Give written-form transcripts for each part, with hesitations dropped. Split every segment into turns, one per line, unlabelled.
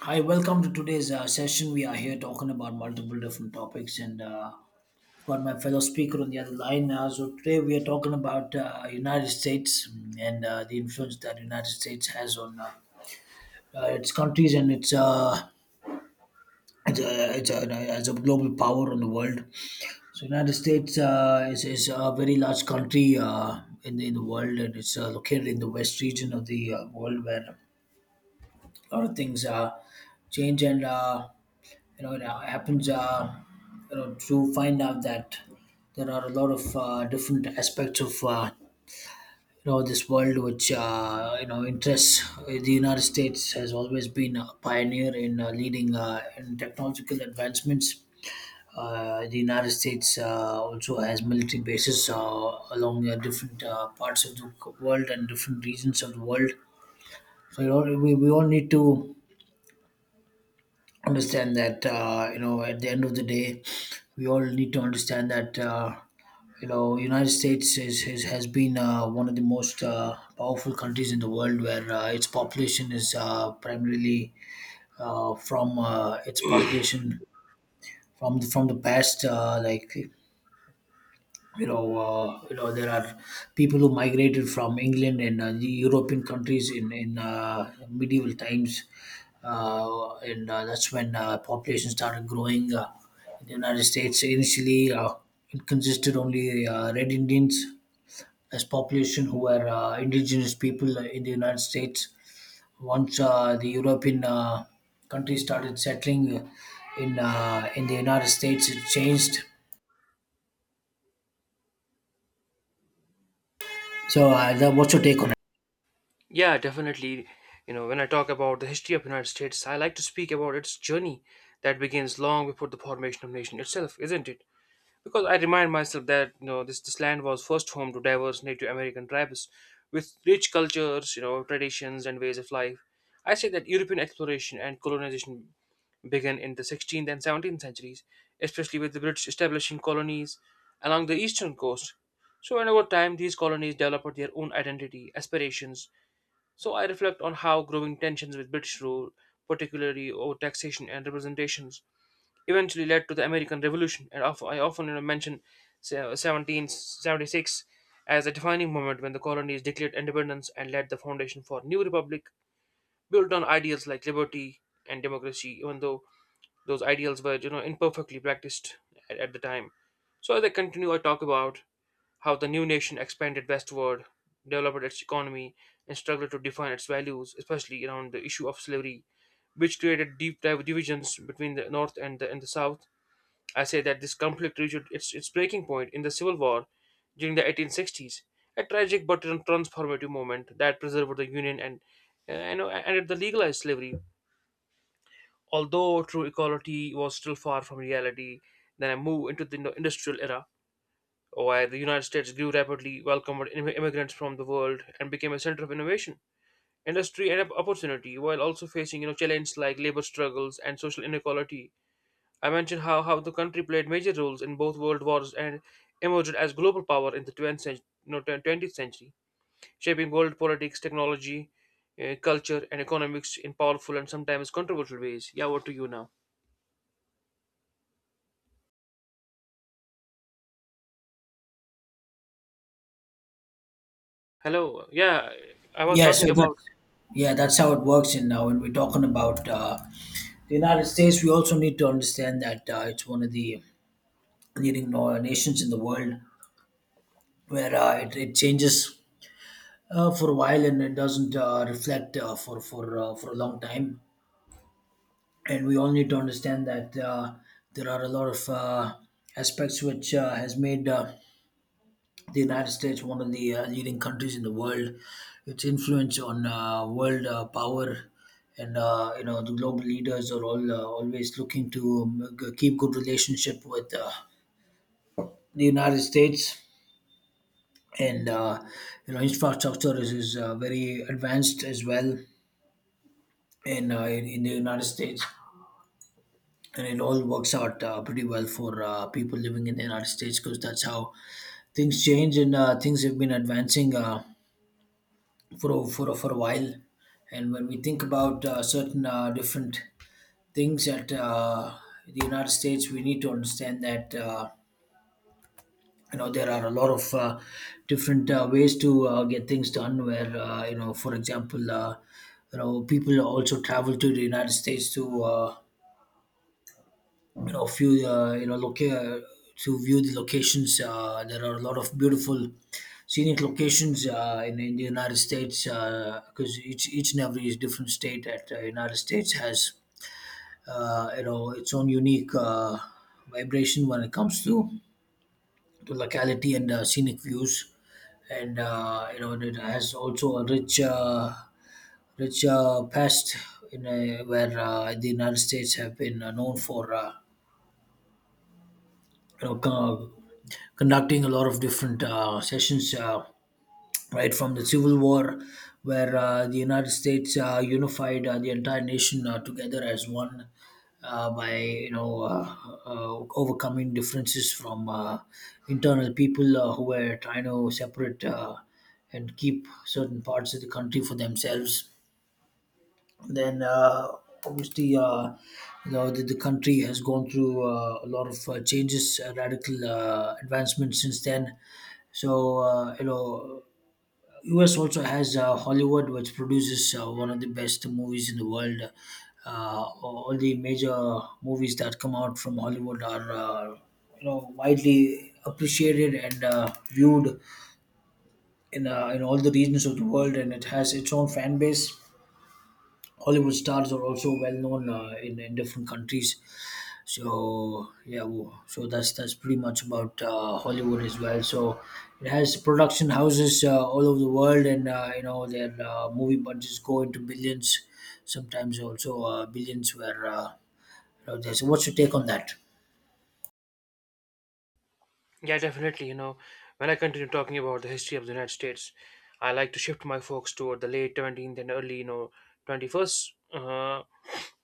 Hi, welcome to today's session. We are here talking about multiple different topics, and I've got my fellow speaker on the other line. So today we are talking about United States, and the influence that United States has on its countries and its, it's as a global power on the world. So United States is a very large country in the world, and it's located in the west region of the world where a lot of things change and. It happens to find out that there are a lot of different aspects of this world which interests. The United States has always been a pioneer in leading in technological advancements. The United States also has military bases along different parts of the world and different regions of the world. So, we all need to understand that at the end of the day we all need to understand that United States is has been one of the most powerful countries in the world, where its population is primarily from its population from the past like there are people who migrated from England and the European countries in medieval times, and that's when population started growing. In the United States initially, it consisted only Red Indians as population, who were indigenous people in the United States. Once the European countries started settling in the United States, it changed. So, what's your take on?
Yeah, definitely. You know, when I talk about the history of United States, I like to speak about its journey that begins long before the formation of nation itself, isn't it? Because I remind myself that this land was first home to diverse Native American tribes with rich cultures, you know, traditions and ways of life. I say that European exploration and colonization began in the 16th and 17th centuries, especially with the British establishing colonies along the eastern coast. So, and over time, these colonies developed their own identity, aspirations, so I reflect on how growing tensions with British rule, particularly over taxation and representations, eventually led to the American Revolution. I often mention 1776 as a defining moment when the colonies declared independence and laid the foundation for a new republic built on ideals like liberty and democracy, even though those ideals were imperfectly practiced at the time. So as I continue, I talk about how the new nation expanded westward, developed its economy, and struggled to define its values, especially around the issue of slavery, which created deep divisions between the North and the South. I say that this conflict reached its breaking point in the Civil War during the 1860s, a tragic but transformative moment that preserved the Union and ended the legalized slavery. Although true equality was still far from reality, then I move into the industrial era, where the United States grew rapidly, welcomed immigrants from the world, and became a center of innovation, industry, and opportunity, while also facing challenges like labor struggles and social inequality. I mentioned how the country played major roles in both world wars and emerged as global power in the 20th century, no, 20th century shaping world politics, technology, culture, and economics in powerful and sometimes controversial ways. Yeah, what to you now? Hello. Yeah, I was
Yeah, so
talking about.
that's yeah, that's how it works. And now, when we're talking about the United States, we also need to understand that it's one of the leading nations in the world, where it changes for a while and it doesn't reflect for a long time. And we all need to understand that there are a lot of aspects which has made. The United States, one of the leading countries in the world, its influence on world power, and the global leaders are all always looking to keep good relationship with the United States, and infrastructure is very advanced as well in the United States. And it all works out pretty well for people living in the United States, because that's how things change and things have been advancing for a while. And when we think about certain different things at the United States, we need to understand that there are a lot of different ways to get things done. Where for example, people also travel to the United States to you know few you know loca- to view the locations. There are a lot of beautiful scenic locations in the United States, because each and every different state at the United States has its own unique vibration when it comes to locality and scenic views, and it has also a rich past in where the United States have been known for you know co- conducting a lot of different sessions, right from the Civil War, where the United States unified the entire nation together as one. By overcoming differences from internal people who were trying to separate and keep certain parts of the country for themselves. Then obviously the country has gone through a lot of changes, radical advancements since then. So US also has Hollywood, which produces one of the best movies in the world. All the major movies that come out from Hollywood are widely appreciated and viewed in all the regions of the world, and it has its own fan base. Hollywood stars are also well known in different countries. So that's pretty much about Hollywood as well. So it has production houses all over the world, and their movie budgets go into billions, sometimes also billions. Where you know, there's- so what's your take on that?
Yeah, definitely. You know, when I continue talking about the history of the United States, I like to shift my focus toward the late 17th and early, you know, 21st uh,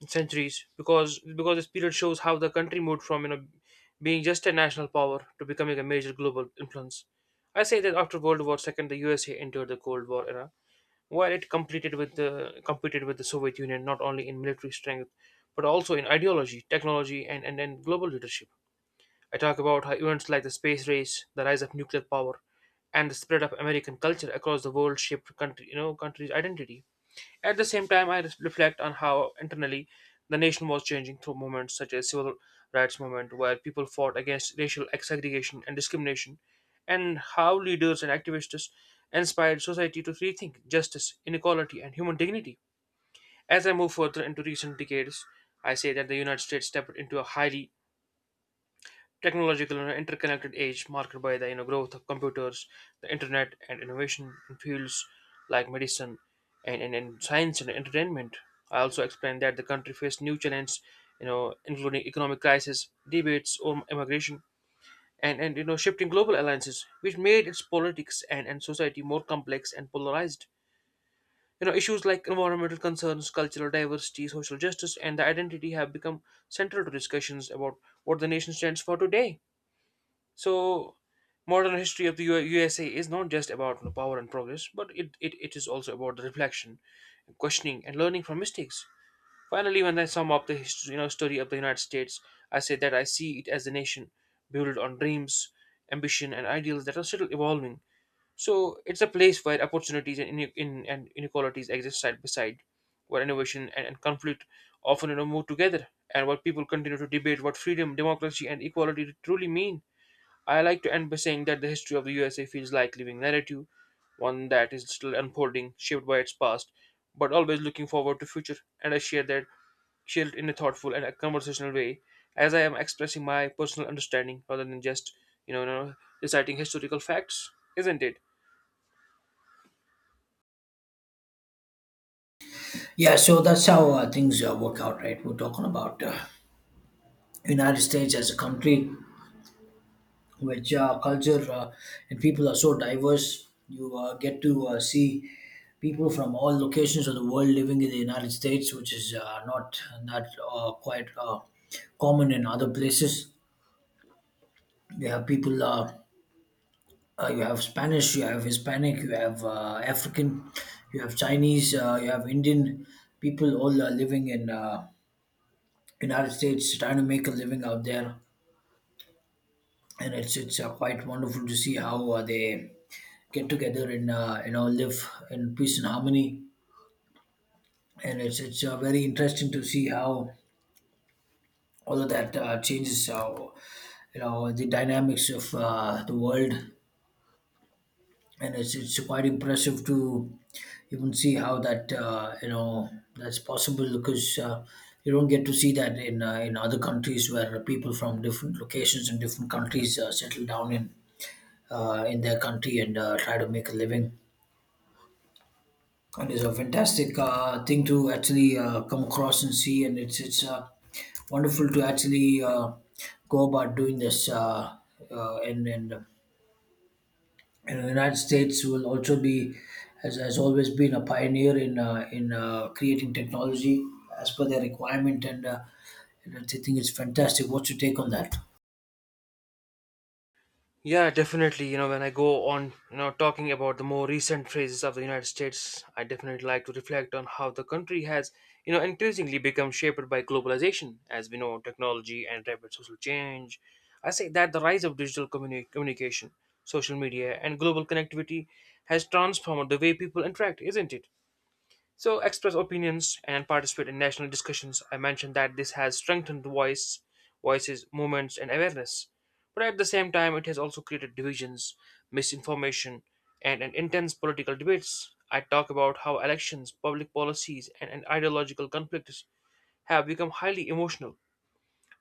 centuries because this period shows how the country moved from being just a national power to becoming a major global influence. I say that after World War II, the USA entered the Cold War era, while it completed with the competed with the Soviet Union not only in military strength but also in ideology, technology, and global leadership. I talk about how events like the space race, the rise of nuclear power, and the spread of American culture across the world shaped country, you know, country's identity. At the same time, reflect on how internally the nation was changing through movements such as civil rights movement, where people fought against racial segregation and discrimination, and how leaders and activists inspired society to rethink justice, inequality, and human dignity. As I move further into recent decades, I say that the United States stepped into a highly technological and interconnected age marked by the growth of computers, the internet, and innovation in fields like medicine and science and entertainment. I also explained that the country faced new challenges, you know, including economic crisis, debates over immigration, and shifting global alliances, which made its politics and society more complex and polarized. You know, issues like environmental concerns, cultural diversity, social justice, and the identity have become central to discussions about what the nation stands for today. So, modern history of the USA is not just about power and progress, but it is also about the reflection, questioning, and learning from mistakes. Finally, when I sum up the history, you know, story of the United States, I say that I see it as a nation built on dreams, ambition, and ideals that are still evolving. So, it's a place where opportunities and inequalities exist side by side, where innovation and conflict often move together, and where people continue to debate what freedom, democracy, and equality truly mean. I like to end by saying that the history of the USA feels like living narrative, one that is still unfolding, shaped by its past, but always looking forward to future. And I share that shared in a thoughtful and a conversational way, as I am expressing my personal understanding rather than just you know, you know, reciting historical facts, isn't it?
Yeah, so that's how things work out, right? We're talking about United States as a country, which culture and people are so diverse. You get to see people from all locations of the world living in the United States, which is not that quite common in other places. You have people. You have Spanish, you have Hispanic, you have African, you have Chinese, you have Indian people, all living in United States, trying to make a living out there, and it's quite wonderful to see how they get together and live in peace and harmony. And it's very interesting to see how all of that changes, how the dynamics of the world, and it's quite impressive to even see how that that's possible because. You don't get to see that in other countries, where people from different locations and different countries settle down in their country and try to make a living. And it's a fantastic thing to actually come across and see, and it's wonderful to actually go about doing this. Uh, and and uh, and the United States will also be, has always been a pioneer in in creating technology as per their requirement, and and I think it's fantastic. What's your take on that?
Yeah, definitely. You know, when I go on, you know, talking about the more recent phases of the United States, I definitely like to reflect on how the country has, you know, increasingly become shaped by globalization, as we know, technology and rapid social change. I say that the rise of digital communication, social media, and global connectivity has transformed the way people interact, isn't it? So, express opinions and participate in national discussions. I mentioned that this has strengthened the voices, movements, and awareness. But at the same time, it has also created divisions, misinformation, and an intense political debates. I talk about how elections, public policies, and ideological conflicts have become highly emotional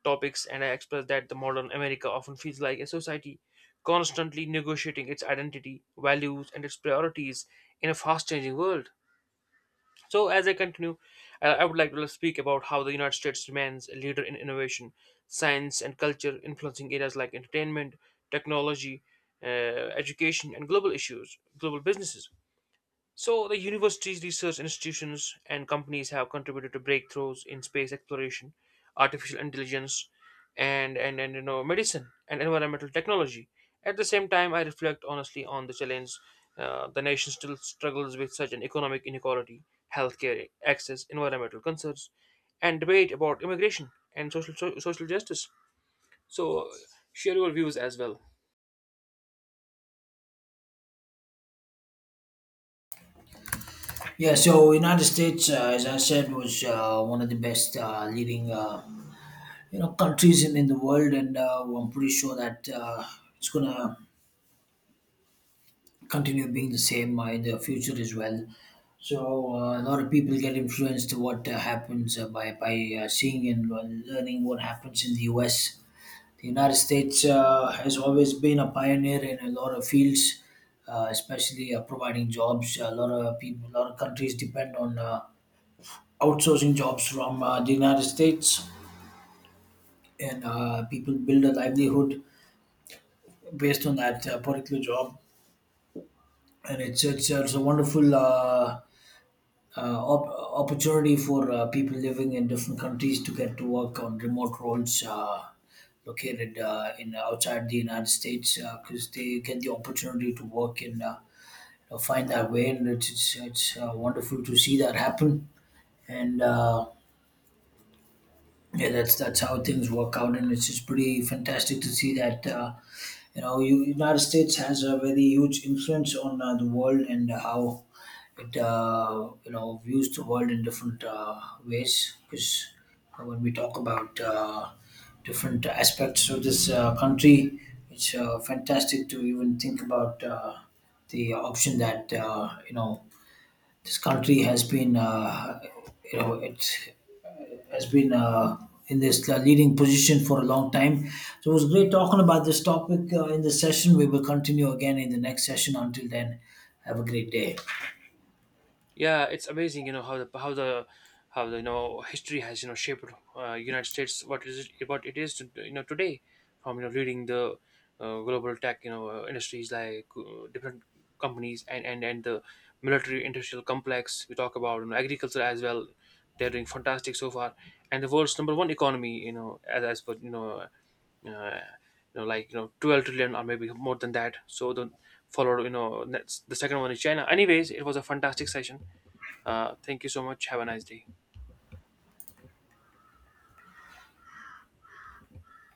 topics, and I express that the modern America often feels like a society constantly negotiating its identity, values, and its priorities in a fast changing world. So, as I continue, I would like to speak about how the United States remains a leader in innovation, science, and culture, influencing areas like entertainment, technology, education, and global issues, global businesses. So, the universities, research institutions, and companies have contributed to breakthroughs in space exploration, artificial intelligence, and medicine and environmental technology. At the same time, I reflect honestly on the challenge the nation still struggles with such an economic inequality, healthcare access, environmental concerns, and debate about immigration and social justice. So, share your views as well.
Yeah, so United States, as I said, was one of the best leading. Countries in the world, and I'm pretty sure that it's gonna continue being the same in the future as well. So a lot of people get influenced to what happens by seeing and learning what happens in the US. The United States has always been a pioneer in a lot of fields, especially providing jobs. A lot of people, a lot of countries depend on outsourcing jobs from the United States, and people build a livelihood based on that particular job. And it's a wonderful opportunity for people living in different countries to get to work on remote roles located in outside the United States, because they get the opportunity to work and find that way, and it's wonderful to see that happen. And yeah, that's how things work out, and it's just pretty fantastic to see that. United States has a very huge influence on the world and how it views the world in different ways, because when we talk about different aspects of this country, it's fantastic to even think about the option that this country has been, you know it has been in this leading position for a long time. So it was great talking about this topic in this session. We will continue again in the next session. Until then, have a great day.
Yeah, it's amazing, you know how the you know history has you know shaped United States what is it what it is to, you know today from you know leading the global tech industries like different companies and the military industrial complex we talk about you know, agriculture as well they're doing fantastic so far and the world's number one economy you know as per you like you know 12 trillion or maybe more than that so the followed you know that's the second one is China anyways it was a fantastic session thank you so much. Have a nice day.